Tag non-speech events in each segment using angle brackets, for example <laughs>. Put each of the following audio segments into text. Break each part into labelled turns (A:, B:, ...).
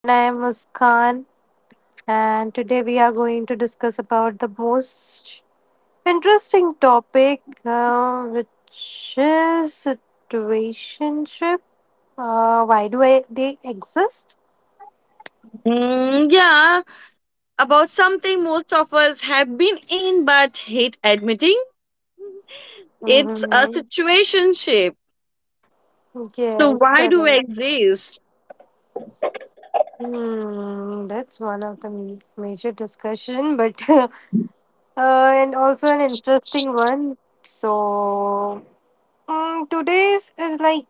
A: And I am Muskan. And today we are going to discuss about the most interesting topic, which is situationship. Why do they exist?
B: Yeah, about something most of us have been in but hate admitting. It's a
A: Mhm.
B: situationship. So,
A: Yes,
B: why do we
A: correct.
B: exist?
A: That's one of the major discussion, but <laughs> and also an interesting one. So today's is like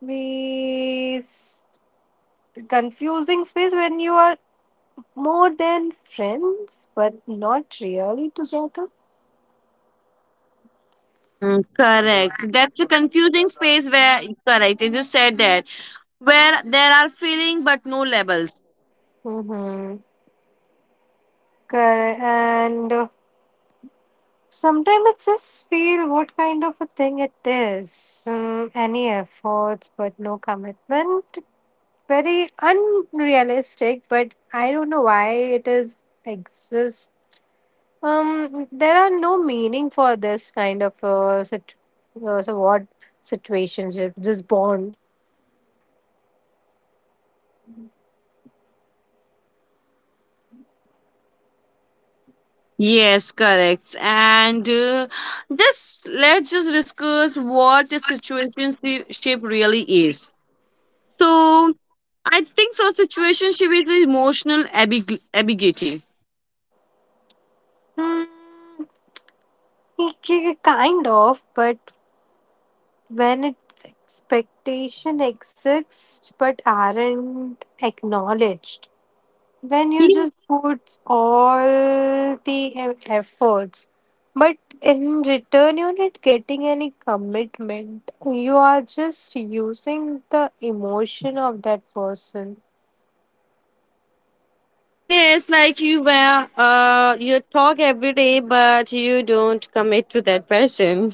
A: we confusing space when you are more than friends but not really together.
B: Mm, correct. That's a confusing space where, correct, you just said that, where there are feeling but no labels.
A: Mm-hmm. Correct. And sometimes I just feel what kind of a thing it is. Any efforts, but no commitment. Very unrealistic, but I don't know why it is exists. There are no meaning for this kind of sit- so what situationship, this bond.
B: Yes, correct. And just let's just discuss what a situationship really is. So I think so. Situationship is emotional ambiguity.
A: Hmm. Kind of, but when its expectation exists but aren't acknowledged, when you
B: Ye-
A: just put all the efforts, but in return you're not getting any commitment. You are just using the emotion of that person.
B: Yes, like you were, you talk every day, but you don't commit to that person.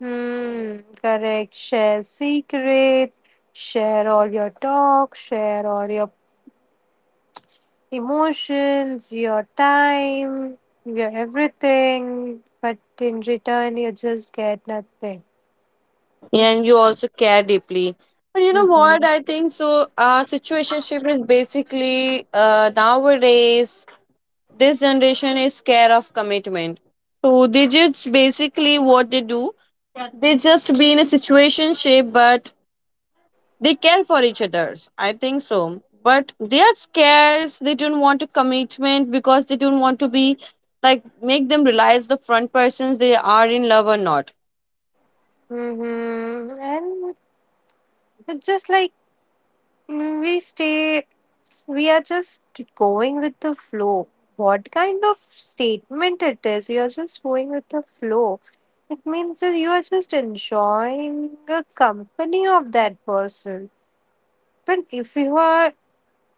A: Hmm, correct. Share secret, share all your talk, share all your emotions, your time, your everything, but in return, you just get nothing.
B: And you also care deeply. But you know what?
A: Mm-hmm.
B: I think so. Situationship is basically nowadays, this generation is scared of commitment. So they just basically what they do, they just be in a situationship, but they care for each others. I think so. But they are scarce. They don't want a commitment because they don't want to be like make them realize the front persons they are in love or not.
A: Mm-hmm. And it's just like mm, we stay, we are just going with the flow. What kind of statement it is? You are just going with the flow. It means that you are just enjoying the company of that person. But if you are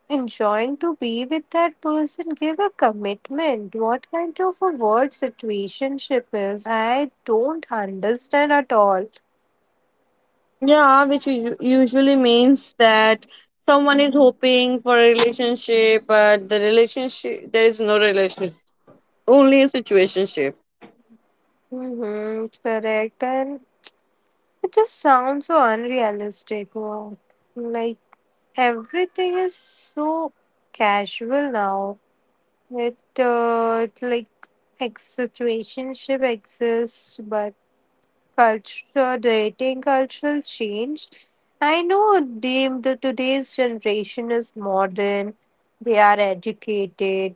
A: enjoying to be with that person give a commitment. What kind of a word situationship is? I don't understand at all.
B: Yeah, which usually means that someone is hoping for a relationship, but the relationship there is no relationship, only a situationship.
A: Mm-hmm, it's correct. And it just sounds so unrealistic. Wow. Like everything is so casual now. It's like ex situationship exists, but culture dating cultural change. I know they, the today's generation is modern, they are educated,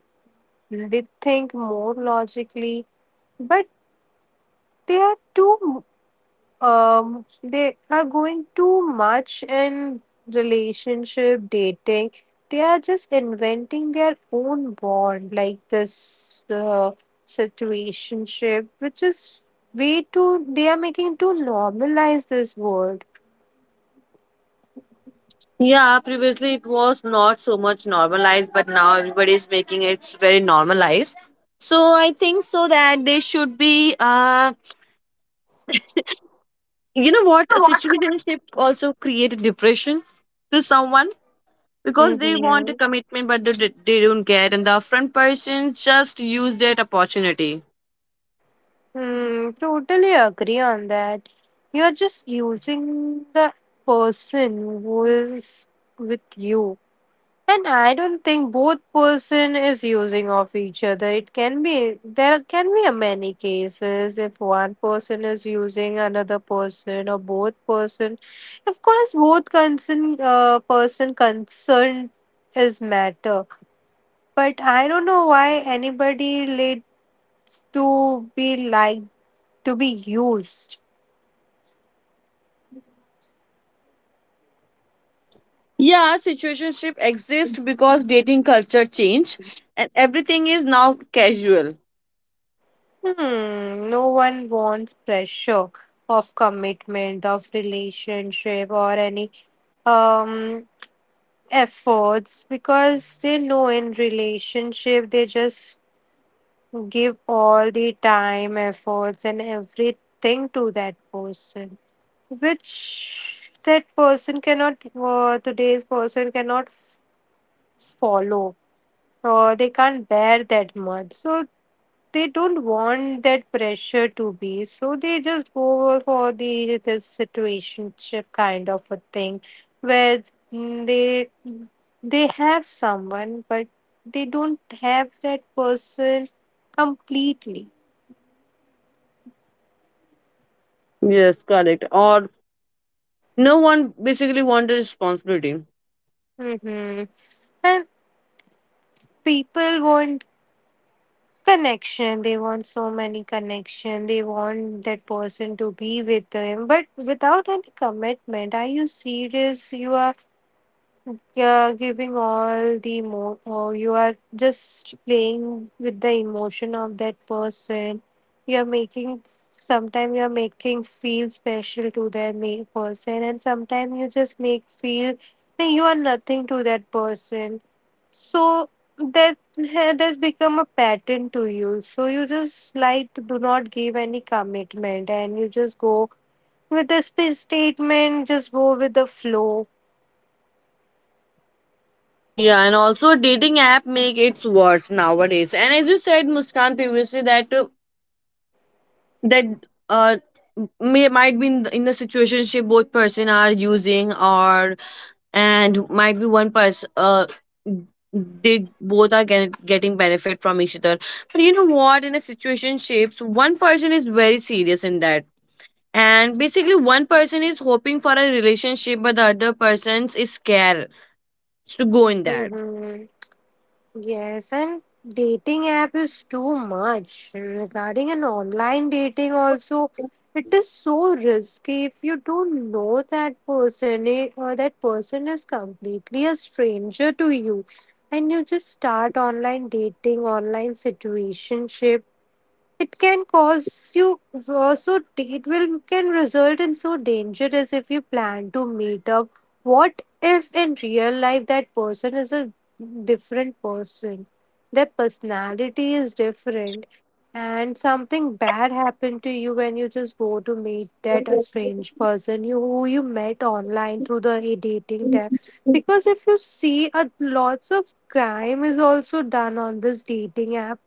A: they think more logically, but they are too, they are going too much in relationship dating. They are just inventing their own bond like this situationship, which is way too, they are making too normalize this word.
B: Yeah, previously it was not so much normalized, but now everybody is making it very normalized. So I think so that they should be you know what a situationship also create depressions to someone because they want
A: Mm-hmm.
B: a commitment but they don't get and the upfront person just use that opportunity.
A: Hmm, totally agree on that. You're just using the person who is with you. And I don't think both person is using of each other. It can be there can be a many cases if one person is using another person or both person. Of course, both concern person concerned is matter. But I don't know why anybody laid to be like to be used.
B: Yeah, situationship exists because dating culture change and everything is now casual.
A: Hmm, no one wants pressure of commitment, of relationship, or any um efforts because they know in relationship they just give all the time, efforts, and everything to that person, which that person cannot today's person cannot follow or they can't bear that much. So they don't want that pressure to be so they just go for the this situationship kind of a thing where mm, they they have someone but they don't have that person completely.
B: Yes, correct, or no one basically want the responsibility.
A: Hmm. And people want connection, they want so many connection, they want that person to be with them but without any commitment. Are you serious? You are, you're giving all the mo or you are just playing with the emotion of that person. You're making sometimes you're making feel special to that person, and sometimes you just make feel like you are nothing to that person. So that <laughs> that's become a pattern to you. So you just like do not give any commitment, and you just go with the statement. Just go with the flow.
B: Yeah, and also dating app make it worse nowadays and as you said, Muskan, previously that that uh may might be in in the situationship both person are using, or and might be one person they both are getting benefit from each other, but you know what in a situationships one person is very serious in that and basically one person is hoping for a relationship but the other person is scared to go in that.
A: Mm-hmm. Yes, and dating app is too much. Regarding an online dating also, it is so risky if you don't know that person or that person is completely a stranger to you and you just start online dating, online situationship. It can cause you also it will can result in so dangerous if you plan to meet up. What if in real life that person is a different person? Their personality is different and something bad happened to you when you just go to meet that a strange person you who you met online through the dating tab, because if you see a lots of crime is also done on this dating app.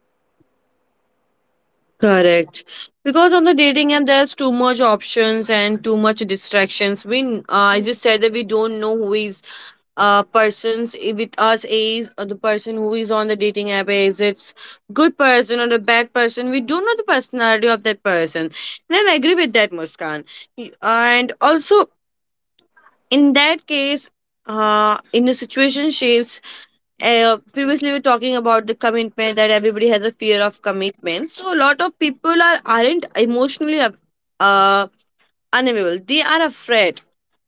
B: Correct, because on the dating app there's too much options and too much distractions. We I just said that we don't know who is persons with us is the person who is on the dating app is it's good person or the bad person, we don't know the personality of that person. And I agree with that, Muskan. And also in that case in the situation shapes, previously we were talking about the commitment that everybody has a fear of commitment, so a lot of people are aren't emotionally uh, unavailable, they are afraid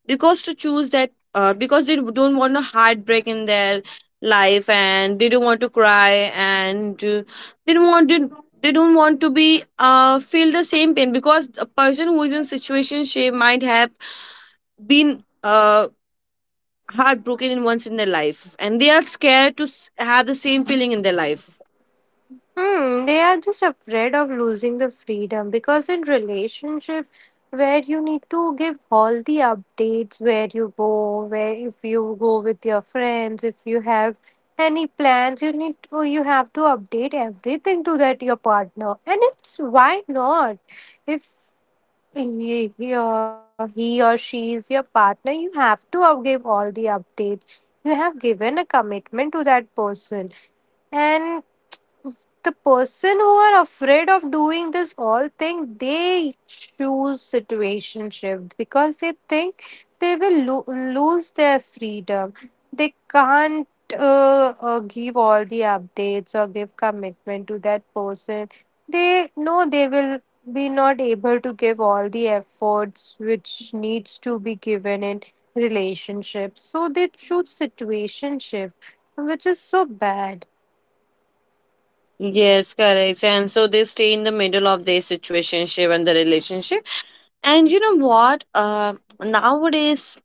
B: because to choose that because they don't want a heartbreak in their life and they don't want to cry and they don't want to they don't want to be feel the same pain, because a person who is in situation she might have been heartbroken in once in their life and they are scared to have the same feeling in their life.
A: Hmm, they are just afraid of losing the freedom because in relationship where you need to give all the updates where you go, where if you go with your friends, if you have any plans, you need to, you have to update everything to that your partner. And it's why not? If he or she is your partner, you have to give all the updates. You have given a commitment to that person, and the person who are afraid of doing this all thing, they choose situationship because they think they will lose their freedom, they can't give all the updates or give commitment to that person, they know they will be not able to give all the efforts which needs to be given in relationships, so they choose situationship, which is so bad.
B: Yes, correct. And so they stay in the middle of their situationship and the relationship. And you know what? Nowadays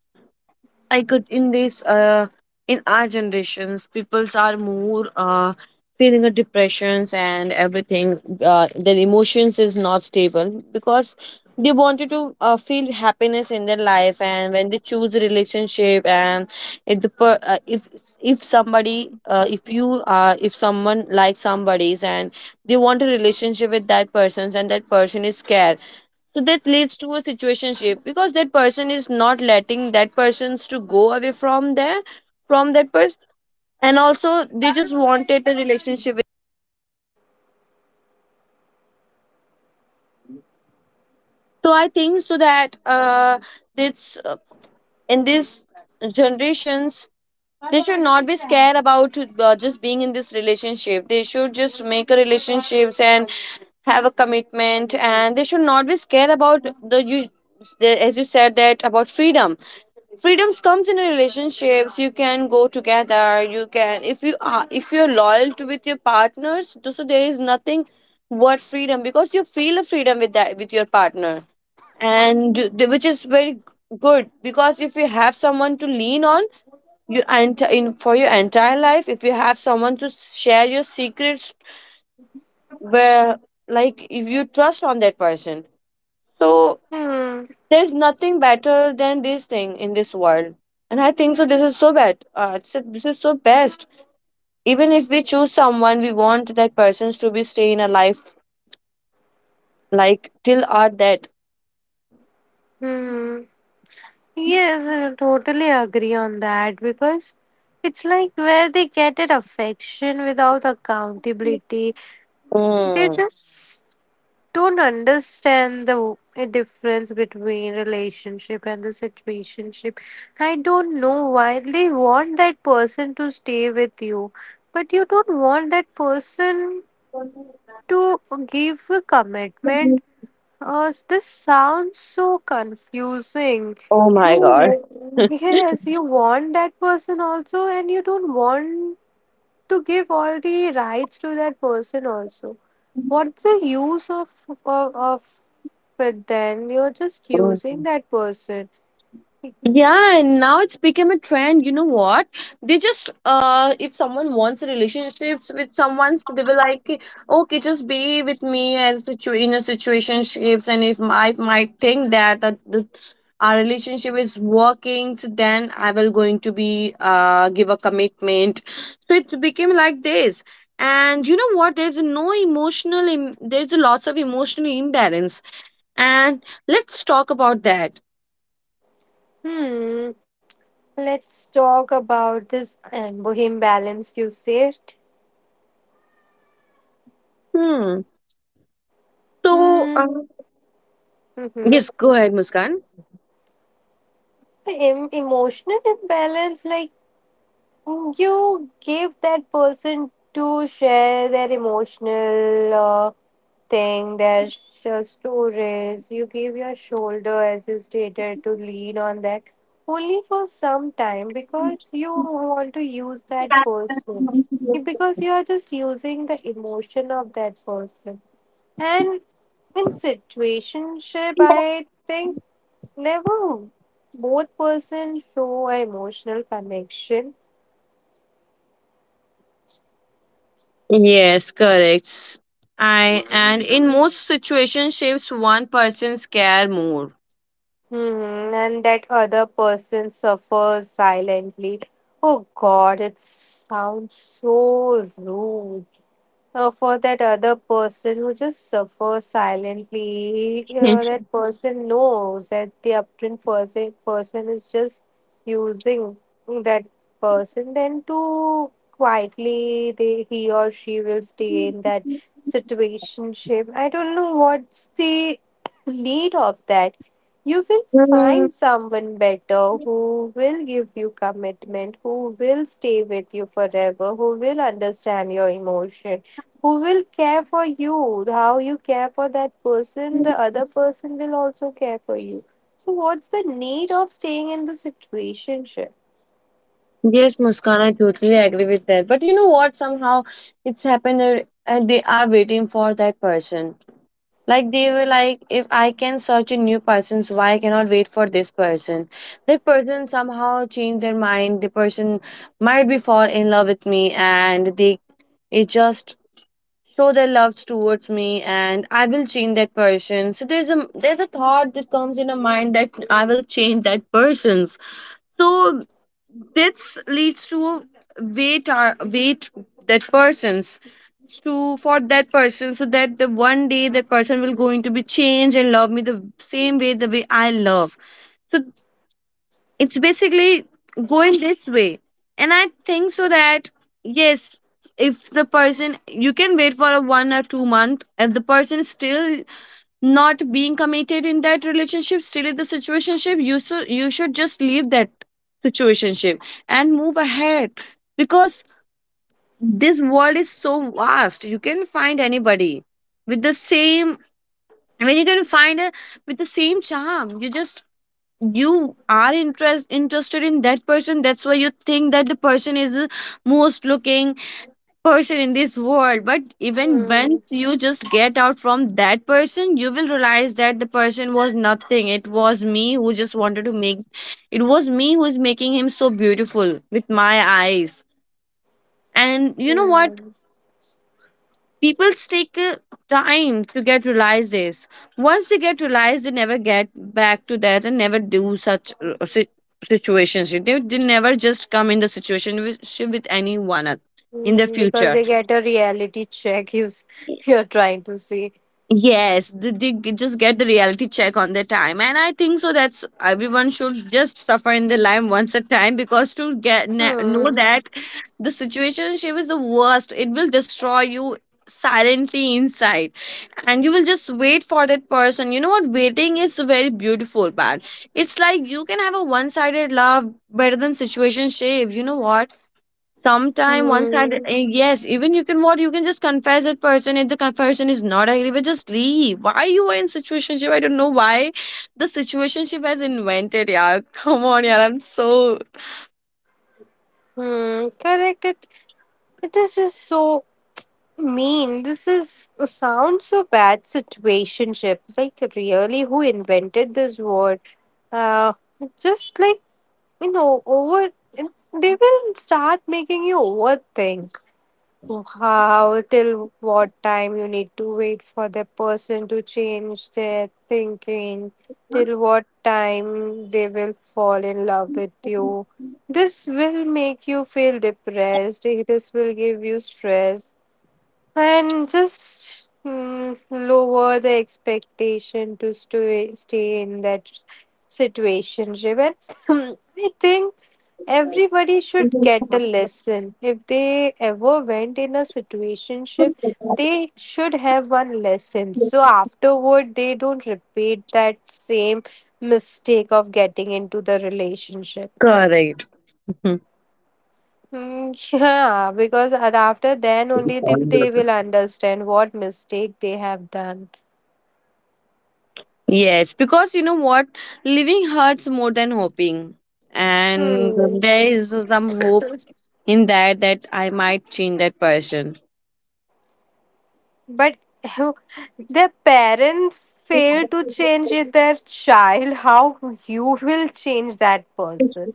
B: I could in this in our generations, peoples are more feeling a depressions and everything. Their emotions is not stable because they wanted to feel happiness in their life, and when they choose a relationship, and if the if somebody if you if someone likes somebody's and they want a relationship with that person's and that person is scared, so that leads to a situationship because that person is not letting that persons to go away from there from that person, and also they just wanted a relationship. So I think so that this in this generations they should not be scared about just being in this relationship, they should just make a relationships and have a commitment and they should not be scared about the you the, as you said that about freedom, freedoms comes in relationships, you can go together, you can if you are if you're loyal to with your partners so there is nothing worth freedom because you feel a freedom with that with your partner, and which is very good because if you have someone to lean on you in for your entire life, if you have someone to share your secrets where like if you trust on that person, so
A: Hmm.
B: there's nothing better than this thing in this world. And I think so this is so bad, it's this is so best. Even if we choose someone we want that persons to be stay in a life like till our death.
A: Hmm. Yes, I totally agree on that because it's like where they get at affection without accountability. They
B: Mm.
A: just don't understand the a difference between relationship and the situationship. I don't know why they want that person to stay with you, but you don't want that person to give a commitment. This sounds so confusing.
B: Oh
A: You,
B: my god.
A: yes, you want that person also, and you don't want to give all the rights to that person also. What's the use of of it then? You're just
B: <laughs>
A: using that person.
B: Yeah, and now it's become a trend. You know what? They just if someone wants relationships with someone, they were like, okay, just be with me as in a situationships, and if I might think that that the our relationship is working, so then I will going to be give a commitment. So it became like this. And you know what? There's no emotional there's a lots of emotional imbalance. And let's talk about that.
A: Hmm. Let's talk about this imbalance you said.
B: Hmm. So,
A: Hmm. Mm-hmm.
B: yes, go ahead, Muskan.
A: The emotional imbalance, like, you give that person to share their emotional thing, their stories. You give your shoulder, as you stated, to lean on that only for some time because you want to use that person. Because you are just using the emotion of that person. And in situationship, I think never both person show emotional connection.
B: Yes, correct. I and in most situationships, one person's care more.
A: Mhm, and that other person suffers silently. Oh God, it sounds so rude for that other person who just suffers silently.
B: <laughs>
A: That person knows that the upturned person is just using that person. Then to quietly, he or she will stay in that situationship. I don't know what's the need of that. You will
B: Hmm.
A: find someone better who will give you commitment, who will stay with you forever, who will understand your emotion, who will care for you? How you care for that person, the other person will also care for you. So, what's the need of staying in the situationship?
B: Yes, Muskan, I totally agree with that. But you know what? Somehow it's happened that they are waiting for that person. Like they were like, if I can search a new person, so why I cannot wait for this person? That person somehow changed their mind. The person might be fall in love with me, and they it just show their love towards me and I will change that person, so there's a thought that comes in a mind that I will change that person's. So this leads to wait that person's to for that person, so that the one day that person will going to be changed and love me the same way the way I love. So it's basically going this way, and I think so that yes, if the person you can wait for a 1 or 2 month if the person is still not being committed in that relationship, still in the situationship, you so you should just leave that situationship and move ahead, because this world is so vast, you can find anybody with the same when you can find a with the same charm. You just you are interested in that person, that's why you think that the person is the most looking person in this world, but even
A: Hmm.
B: once you just get out from that person you will realize that the person was nothing, it was me who just wanted to make, it was me who is making him so beautiful with my eyes. And you know what,
A: Hmm.
B: people take time to get realize this. Once they get realized they never get back to that and never do such situations, they never just come in the situation with anyone else in the
A: Hmm. Because
B: future.
A: they get a reality check you, <laughs> you're trying to see.
B: Yes, they just get the reality check on their time, and I think so that's everyone should just suffer in their life once a time, because to get know
A: Hmm.
B: that the situationship is the worst, it will destroy you silently inside and you will just wait for that person. You know what, waiting is a very beautiful part. It's like you can have a one-sided love better than situation shave. You know what, sometime one sided,
A: Hmm.
B: yes, even you can what you can just confess that person, if the confession is not agree with just leave. Why you are in situation ship? I don't know why the situation ship has invented, yeah. <laughs> Come on, yeah, I'm so
A: Hmm. Correct. It is just so mean. This is sounds so bad. Situationship. Like really, who invented this word? Uh, just like you know, over and they will start making you overthink how till what time you need to wait for the person to change their thinking, till what time they will fall in love with you. This will make you feel depressed, this will give you stress, and just lower the expectation to stay in that situation. And <clears throat> I think everybody should get a lesson. If they ever went in a situationship, they should have one lesson. So afterward, they don't repeat that same mistake of getting into the relationship.
B: correct. <laughs>
A: Mm, yeah, because after then only they will understand what mistake they have done.
B: Yes, because you know what? Living hurts more than hoping. And
A: Hmm.
B: there is some hope in that that I might change that person.
A: But <laughs> their parents fail to change it, their child, how you will change that person?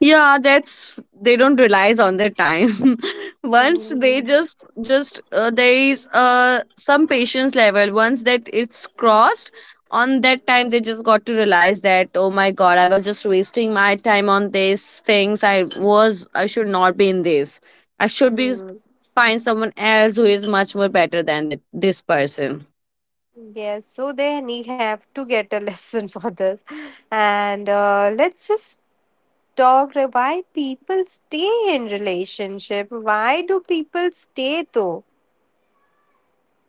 B: Yeah, that's they don't realize on their time. <laughs> Once they
A: Hmm.
B: just there is some patience level. Once that it's crossed, on that time they just got to realize that oh my god, I was just wasting my time on these things. I was I should not be in this. I should be
A: Hmm.
B: find someone else who is much more better than that this person.
A: Yes, so they need have to get a lesson <laughs> for this. And let's just talk why people stay in relationship. Why do people stay though?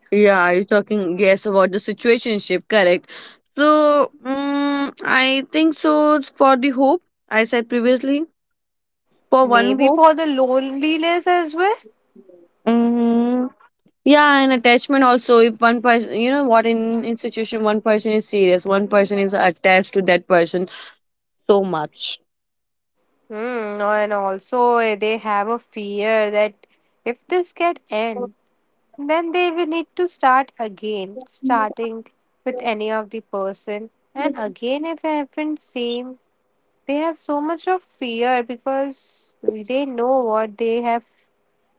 B: Yeah, you're talking yes about the situationship, correct? So, mm I think so. It's for the hope, I said previously, for one
A: Maybe
B: hope.
A: for the loneliness as well.
B: Mm, yeah, and attachment also. If one person, you know what, in situation, one person is serious, one person is attached to that person so much.
A: Hmm, and also they have a fear that if this get end, then they will need to start again, starting with any of the person. And again, if it happens same, they have so much of fear because they know what they have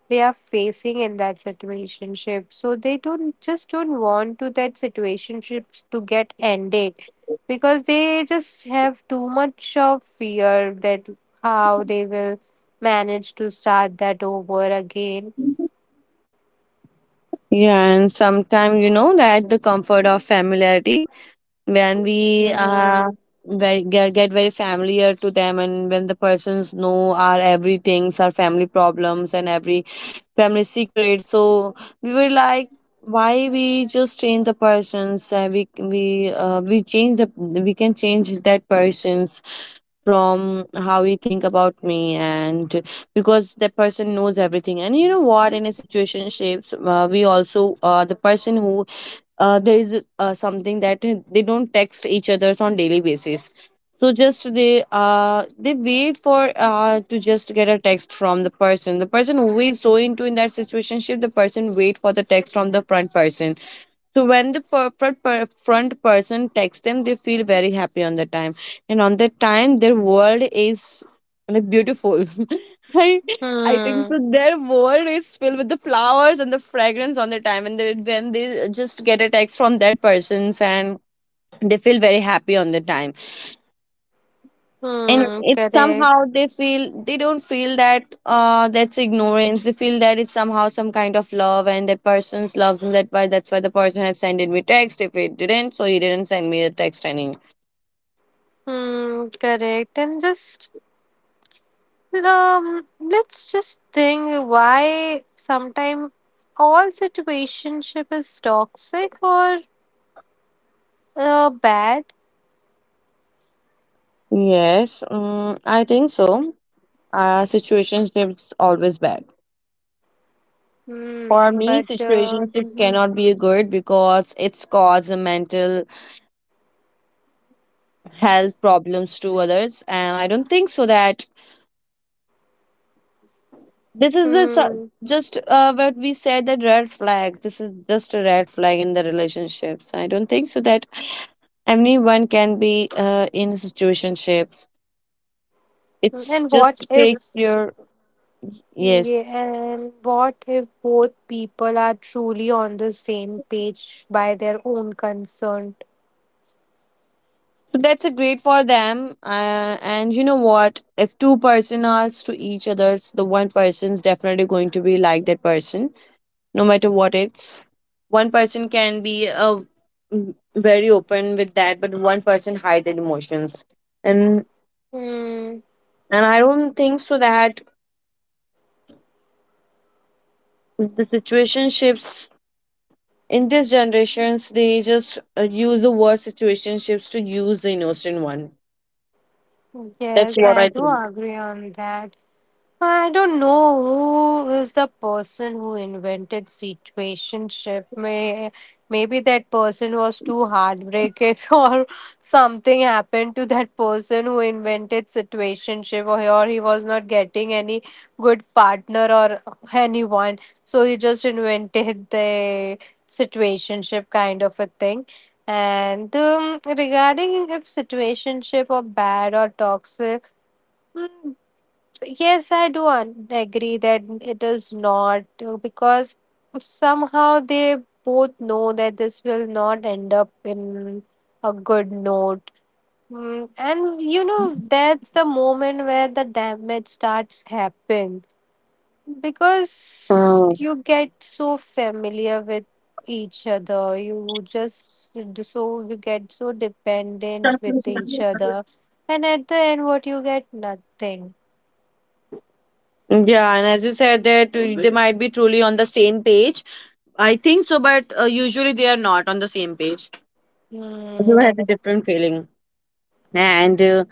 A: they are facing in that situationship, so they don't just don't want to that situationships to get ended because they just have too much of fear that how they will manage to start that over again.
B: Yeah, and sometimes you know that the comfort of familiarity when we
A: Mm-hmm.
B: get very familiar to them. And when the persons know our everything's, our family problems and every family secret, so we were like, why we just change the persons? We can change that persons from how he think about me. And because the person knows everything. And you know what, in a situation shapes, we also the person who there is something that they don't text each others on daily basis. So just they wait for to just get a text from the person, the person who is so into in that situationship. The person wait for the text from the front person. So when the front person texts them, they feel very happy on the time, and on that time, their world is like beautiful. <laughs> I I think
A: Hmm.
B: so. Their world is filled with the flowers and the fragrance on the time, and they, when they just get a text from that person's, and they feel very happy on the time. And
A: Hmm,
B: it's
A: correct.
B: somehow they don't feel that that's ignorance. They feel that it's somehow some kind of love and that person's love, and that's why the person has sent me text. If it didn't so he didn't send me a text any.
A: Hmm, correct. And just let's just think why sometimes all situationship is toxic or bad.
B: Yes, I think so. Situationships always bad. For
A: Hmm,
B: me
A: but
B: situationships
A: mhm.
B: cannot be good because it's cause mental health problems to others. And I don't think so that, this is
A: Hmm.
B: just what we said, that red flag. This is just a red flag in the relationships. I don't think so that anyone can be in situationships. It's
A: And
B: just
A: what
B: take
A: if?
B: your. Yes.
A: Yeah, and what if both people are truly on the same page by their own concern?
B: So that's a great for them. And you know what, if two-person are to each other's, the one person's definitely going to be like that person, no matter what it's. One person can be very open with that, but one person hide their emotions. and
A: Hmm.
B: and I don't think so that the situationships in these generations, they just use the word situationships to use the innocent one. That's
A: Yes,
B: what
A: I
B: I
A: do
B: think.
A: agree on that. I don't know who is the person who invented situationship. Maybe that person was too heartbreaking <laughs> or something happened to that person who invented situationship or he was not getting any good partner or anyone. So he just invented the situationship kind of a thing. And regarding if situationship are bad or toxic, mm, yes, I do agree that it is not because somehow they both know that this will not end up in a good note. Mm, and you know, that's the moment where the damage starts happening because
B: Mm.
A: you get so familiar with each other, you just so you get so dependent with each other, and at the end, what you get nothing.
B: Yeah, and as you said that they might be truly on the same page. I think so, but usually they are not on the same page. Everyone has
A: Hmm.
B: a different feeling, and uh,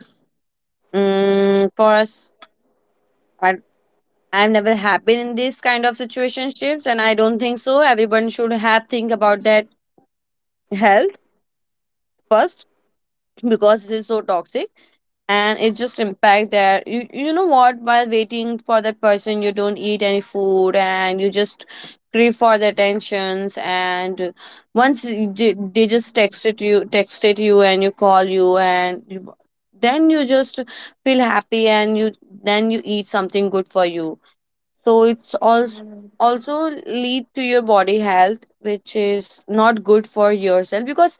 B: mm, for us, I I've never happened in this kind of situationships. And I don't think so. Everyone should have think about that health first because it is so toxic. And it just impact that you know what, while waiting for that person, you don't eat any food, and you just crave for the attentions. And once they just texted you, and you call you, and you, then you just feel happy, and you then you eat something good for you. So it's
A: Mm-hmm.
B: also lead to your body health, which is not good for yourself. Because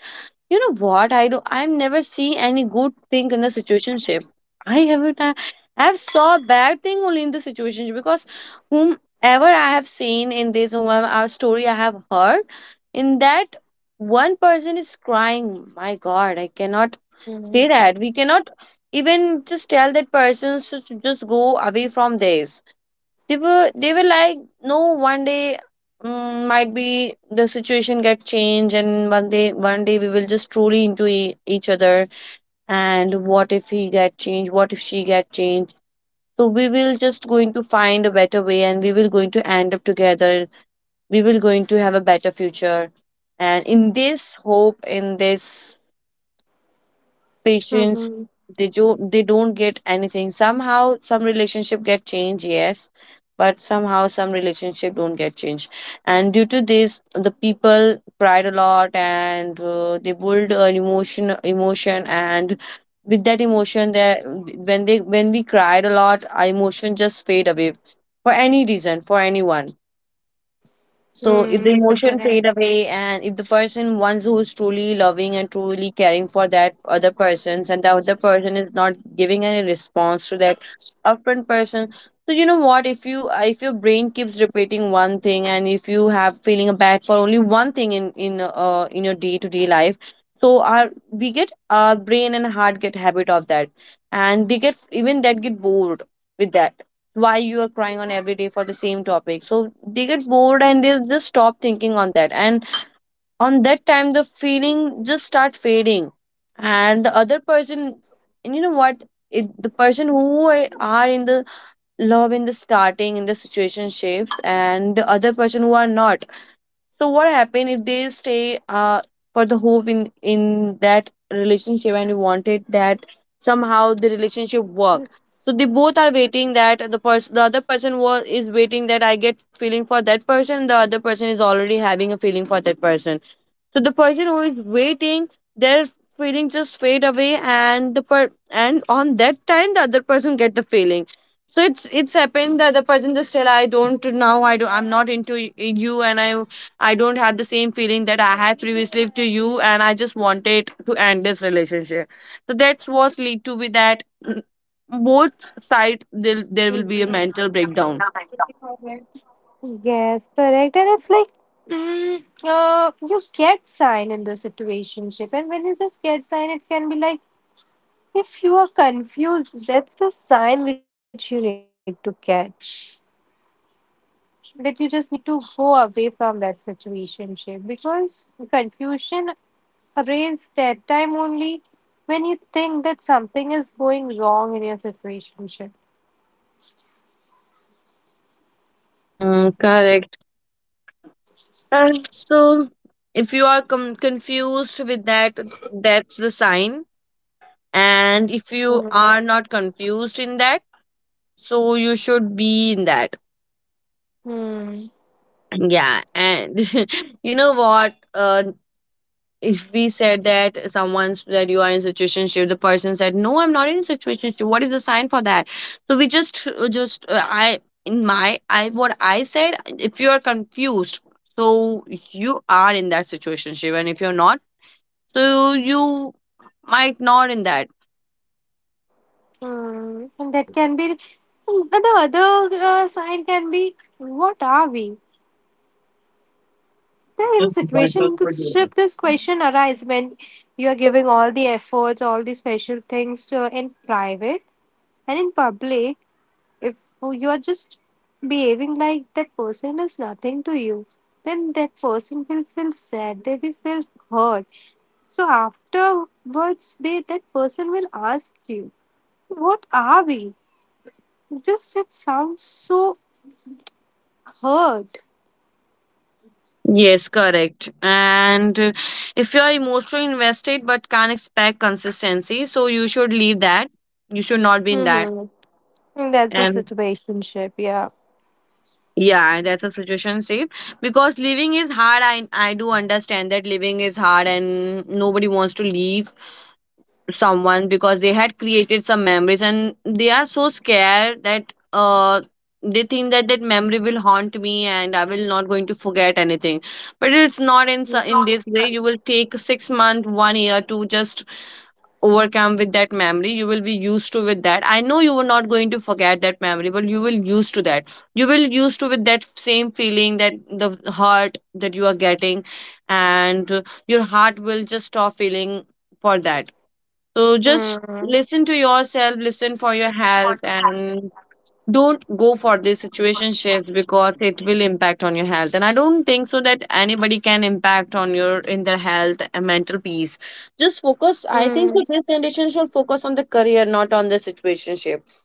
B: you know what? I do. I've never seen any good thing in the situationship. I haven't. I have saw bad thing only in the situationship, because whomever I have seen in this, our story I have heard, in that, one person is crying. My God, I cannot say that. We cannot even just tell that person to just go away from this. They were like, no, one day, might be the situation get changed. And one day, one day, we will just truly into each other. And what if he get changed? What if she get changed? So we will just going to find a better way, and we will going to end up together. We will going to have a better future. And in this hope, in this patience,
A: Mm-hmm.
B: they do they don't get anything. Somehow some relationship get changed, yes, but somehow some relationship don't get changed. And due to this, the people cried a lot. And they build an emotion. And with that emotion that, when we cried a lot, our emotion just fade away for any reason, for anyone. So if the emotion fade
A: Correct.
B: away, and if the person ones who is truly loving and truly caring for that other persons, and the other person is not giving any response to that upfront person. So you know what, if your brain keeps repeating one thing, and if you have feeling bad for only one thing, in your day to day life, so our we get our brain and heart get habit of that. And they get, even that get bored with that. Why you are crying on every day for the same topic? So they get bored, and they just stop thinking on that. And on that time the feeling just start fading, and the other person. And you know what, the person who are in the love in the starting in the situationships, and the other person who are not. So what happened if they stay uh for the hope in that relationship, and you wanted that somehow the relationship work. So they both are waiting, that the person, the other person was is waiting that I get feeling for that person. The other person is already having a feeling for that person. So the person who is waiting, their feeling just fade away, and and on that time the other person get the feeling. So it's happened that the person just tell, I don't, I'm not into you. And I don't have the same feeling that I had previously to you, and I just wanted to end this relationship. So that's what lead to be that, both side, there will
A: Hmm.
B: be a mental breakdown.
A: Yes, correct. And it's like, you get sign in the situationship, and when you just get sign, it can be like, if you are confused, that's the sign which you need to catch. That you just need to go away from that situationship because confusion arises that time only when you think that something is going wrong in your situationship.
B: Hmm, correct. And so, if you are confused with that, that's the sign. And if you are not confused in that, so you should be in that.
A: Mm.
B: Yeah. And <laughs> you know what? If we said that someone said you are in situationship, the person said, "No, I'm not in situationship." What is the sign for that? So we just I in my I what I said. If you are confused, so you are in that situationship, and if you're not, so you might not in that.
A: Mm, and that can be and the other sign can be what are we? Then in situation this ship this question arise when you are giving all the efforts, all the special things to in private and in public. If you are just behaving like that person is nothing to you, then that person will feel sad. They will feel hurt. So afterwards, they that person will ask you, "What are we?" Just it sounds so hurt.
B: Yes, correct. And if you are emotionally invested but can't expect consistency, so you should leave that. You should not be in that.
A: Mm-hmm. And that's a
B: And
A: situationship, yeah.
B: yeah, that's a situation safe, because living is hard. I do understand that living is hard, and nobody wants to leave someone because they had created some memories, and they are so scared that they think that that memory will haunt me, and I will not going to forget anything. But it's not,
A: It's
B: in
A: not.
B: this way you will take 6 month 1 year to just overcome with that memory. You will be used to with that. I know you were not going to forget that memory, but you will used to that. You will used to with that same feeling, that the hurt that you are getting. And your heart will just stop feeling for that. So just
A: Mm.
B: listen to yourself, listen for your health, and don't go for these situationships because it will impact on your health. And I don't think so that anybody can impact on your, in their health and mental peace. Just focus. I think
A: Hmm.
B: so this generation should focus on the career, not on the situationships.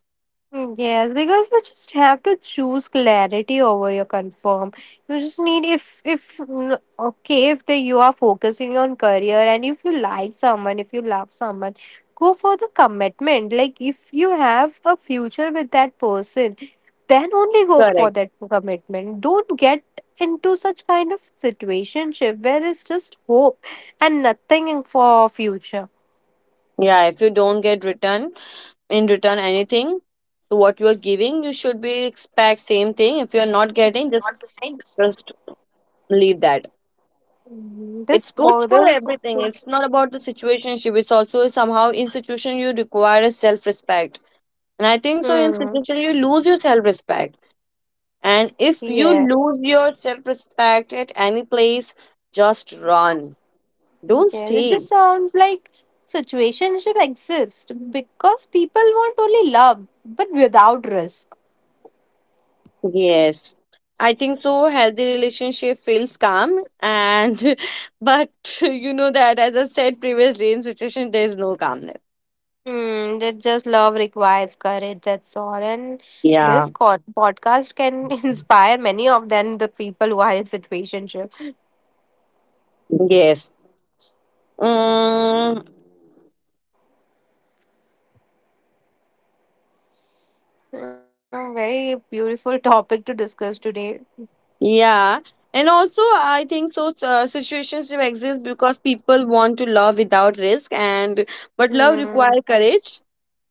A: Mm, yes, because you just have to choose clarity over your confirm. You just need if mm, okay if the you are focusing on career and if you like someone, if you love someone, go for the commitment. Like if you have a future with that person, then only go for
B: Correct.
A: that commitment. Don't get into such kind of situationship where it's just hope and nothing for future.
B: Yeah. If you don't get return, in return anything to what you are giving, you should be expect same thing. If you are not getting, just leave that.
A: Mm, this
B: It's good for
A: bothers.
B: everything. It's not about the situationship. It's also somehow, in situation you require a self respect. And I think so in
A: Hmm.
B: situation you lose your self respect. And if you lose
A: Yes.
B: your self respect at any place, just run. Don't
A: Yes, it
B: stay.
A: just sounds like situationship exists because people want only love, but without risk.
B: Yes. I think so healthy relationship feels calm, and <laughs> but <laughs> you know that, as I said previously, in situation there is no calmness.
A: Hmm, that just love requires courage, that's all. And
B: Yeah.
A: this podcast can <laughs> inspire many of them, the people who are in situationship.
B: Yes. Mm,
A: A very beautiful topic to discuss today.
B: yeah, and also I think so. Situations do exist because people want to love without risk, and but love requires
A: Hmm.
B: courage.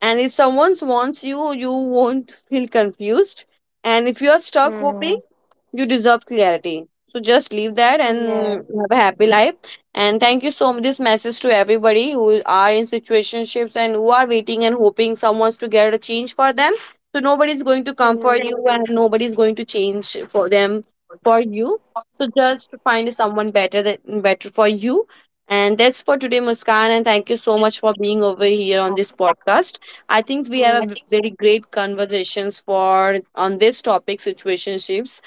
B: And if someone wants you, you won't feel confused. And if you are stuck hoping,
A: Hmm.
B: you deserve clarity. So just leave that and
A: Yeah.
B: have a happy life. And thank you so much. This message to everybody who are in situationships and who are waiting and hoping someone's to get a change for them. So nobody's going to comfort you, and
A: Hmm.
B: nobody's going to change for them, for you. So just find someone better that better for you. And that's for today, Muskan. And thank you so much for being over here on this podcast. I think we have a
A: Hmm.
B: very great conversations for on this topic, situationships.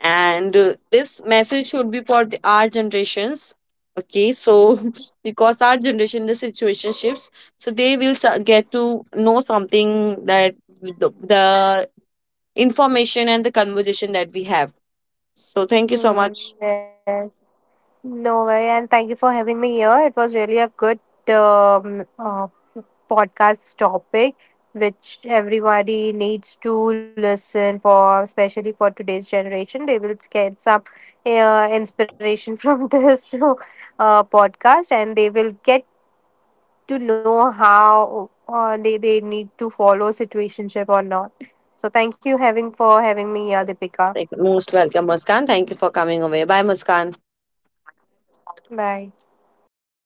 B: And this message should be for our generations, okay? So <laughs> because our generation the situationships, so they will get to know something, that the information and the conversation that we have. So thank you so
A: Hmm.
B: much.
A: Yes. No way, and thank you for having me here. It was really a good um, uh, podcast topic, which everybody needs to listen for, especially for today's generation. They will get some inspiration from <laughs> this podcast, and they will get to know how they need to follow situationship or not. So, thank you having for having me here, Deepika.
B: Like, most welcome, Muskan. Thank you for coming away. Bye, Muskan.
A: Bye.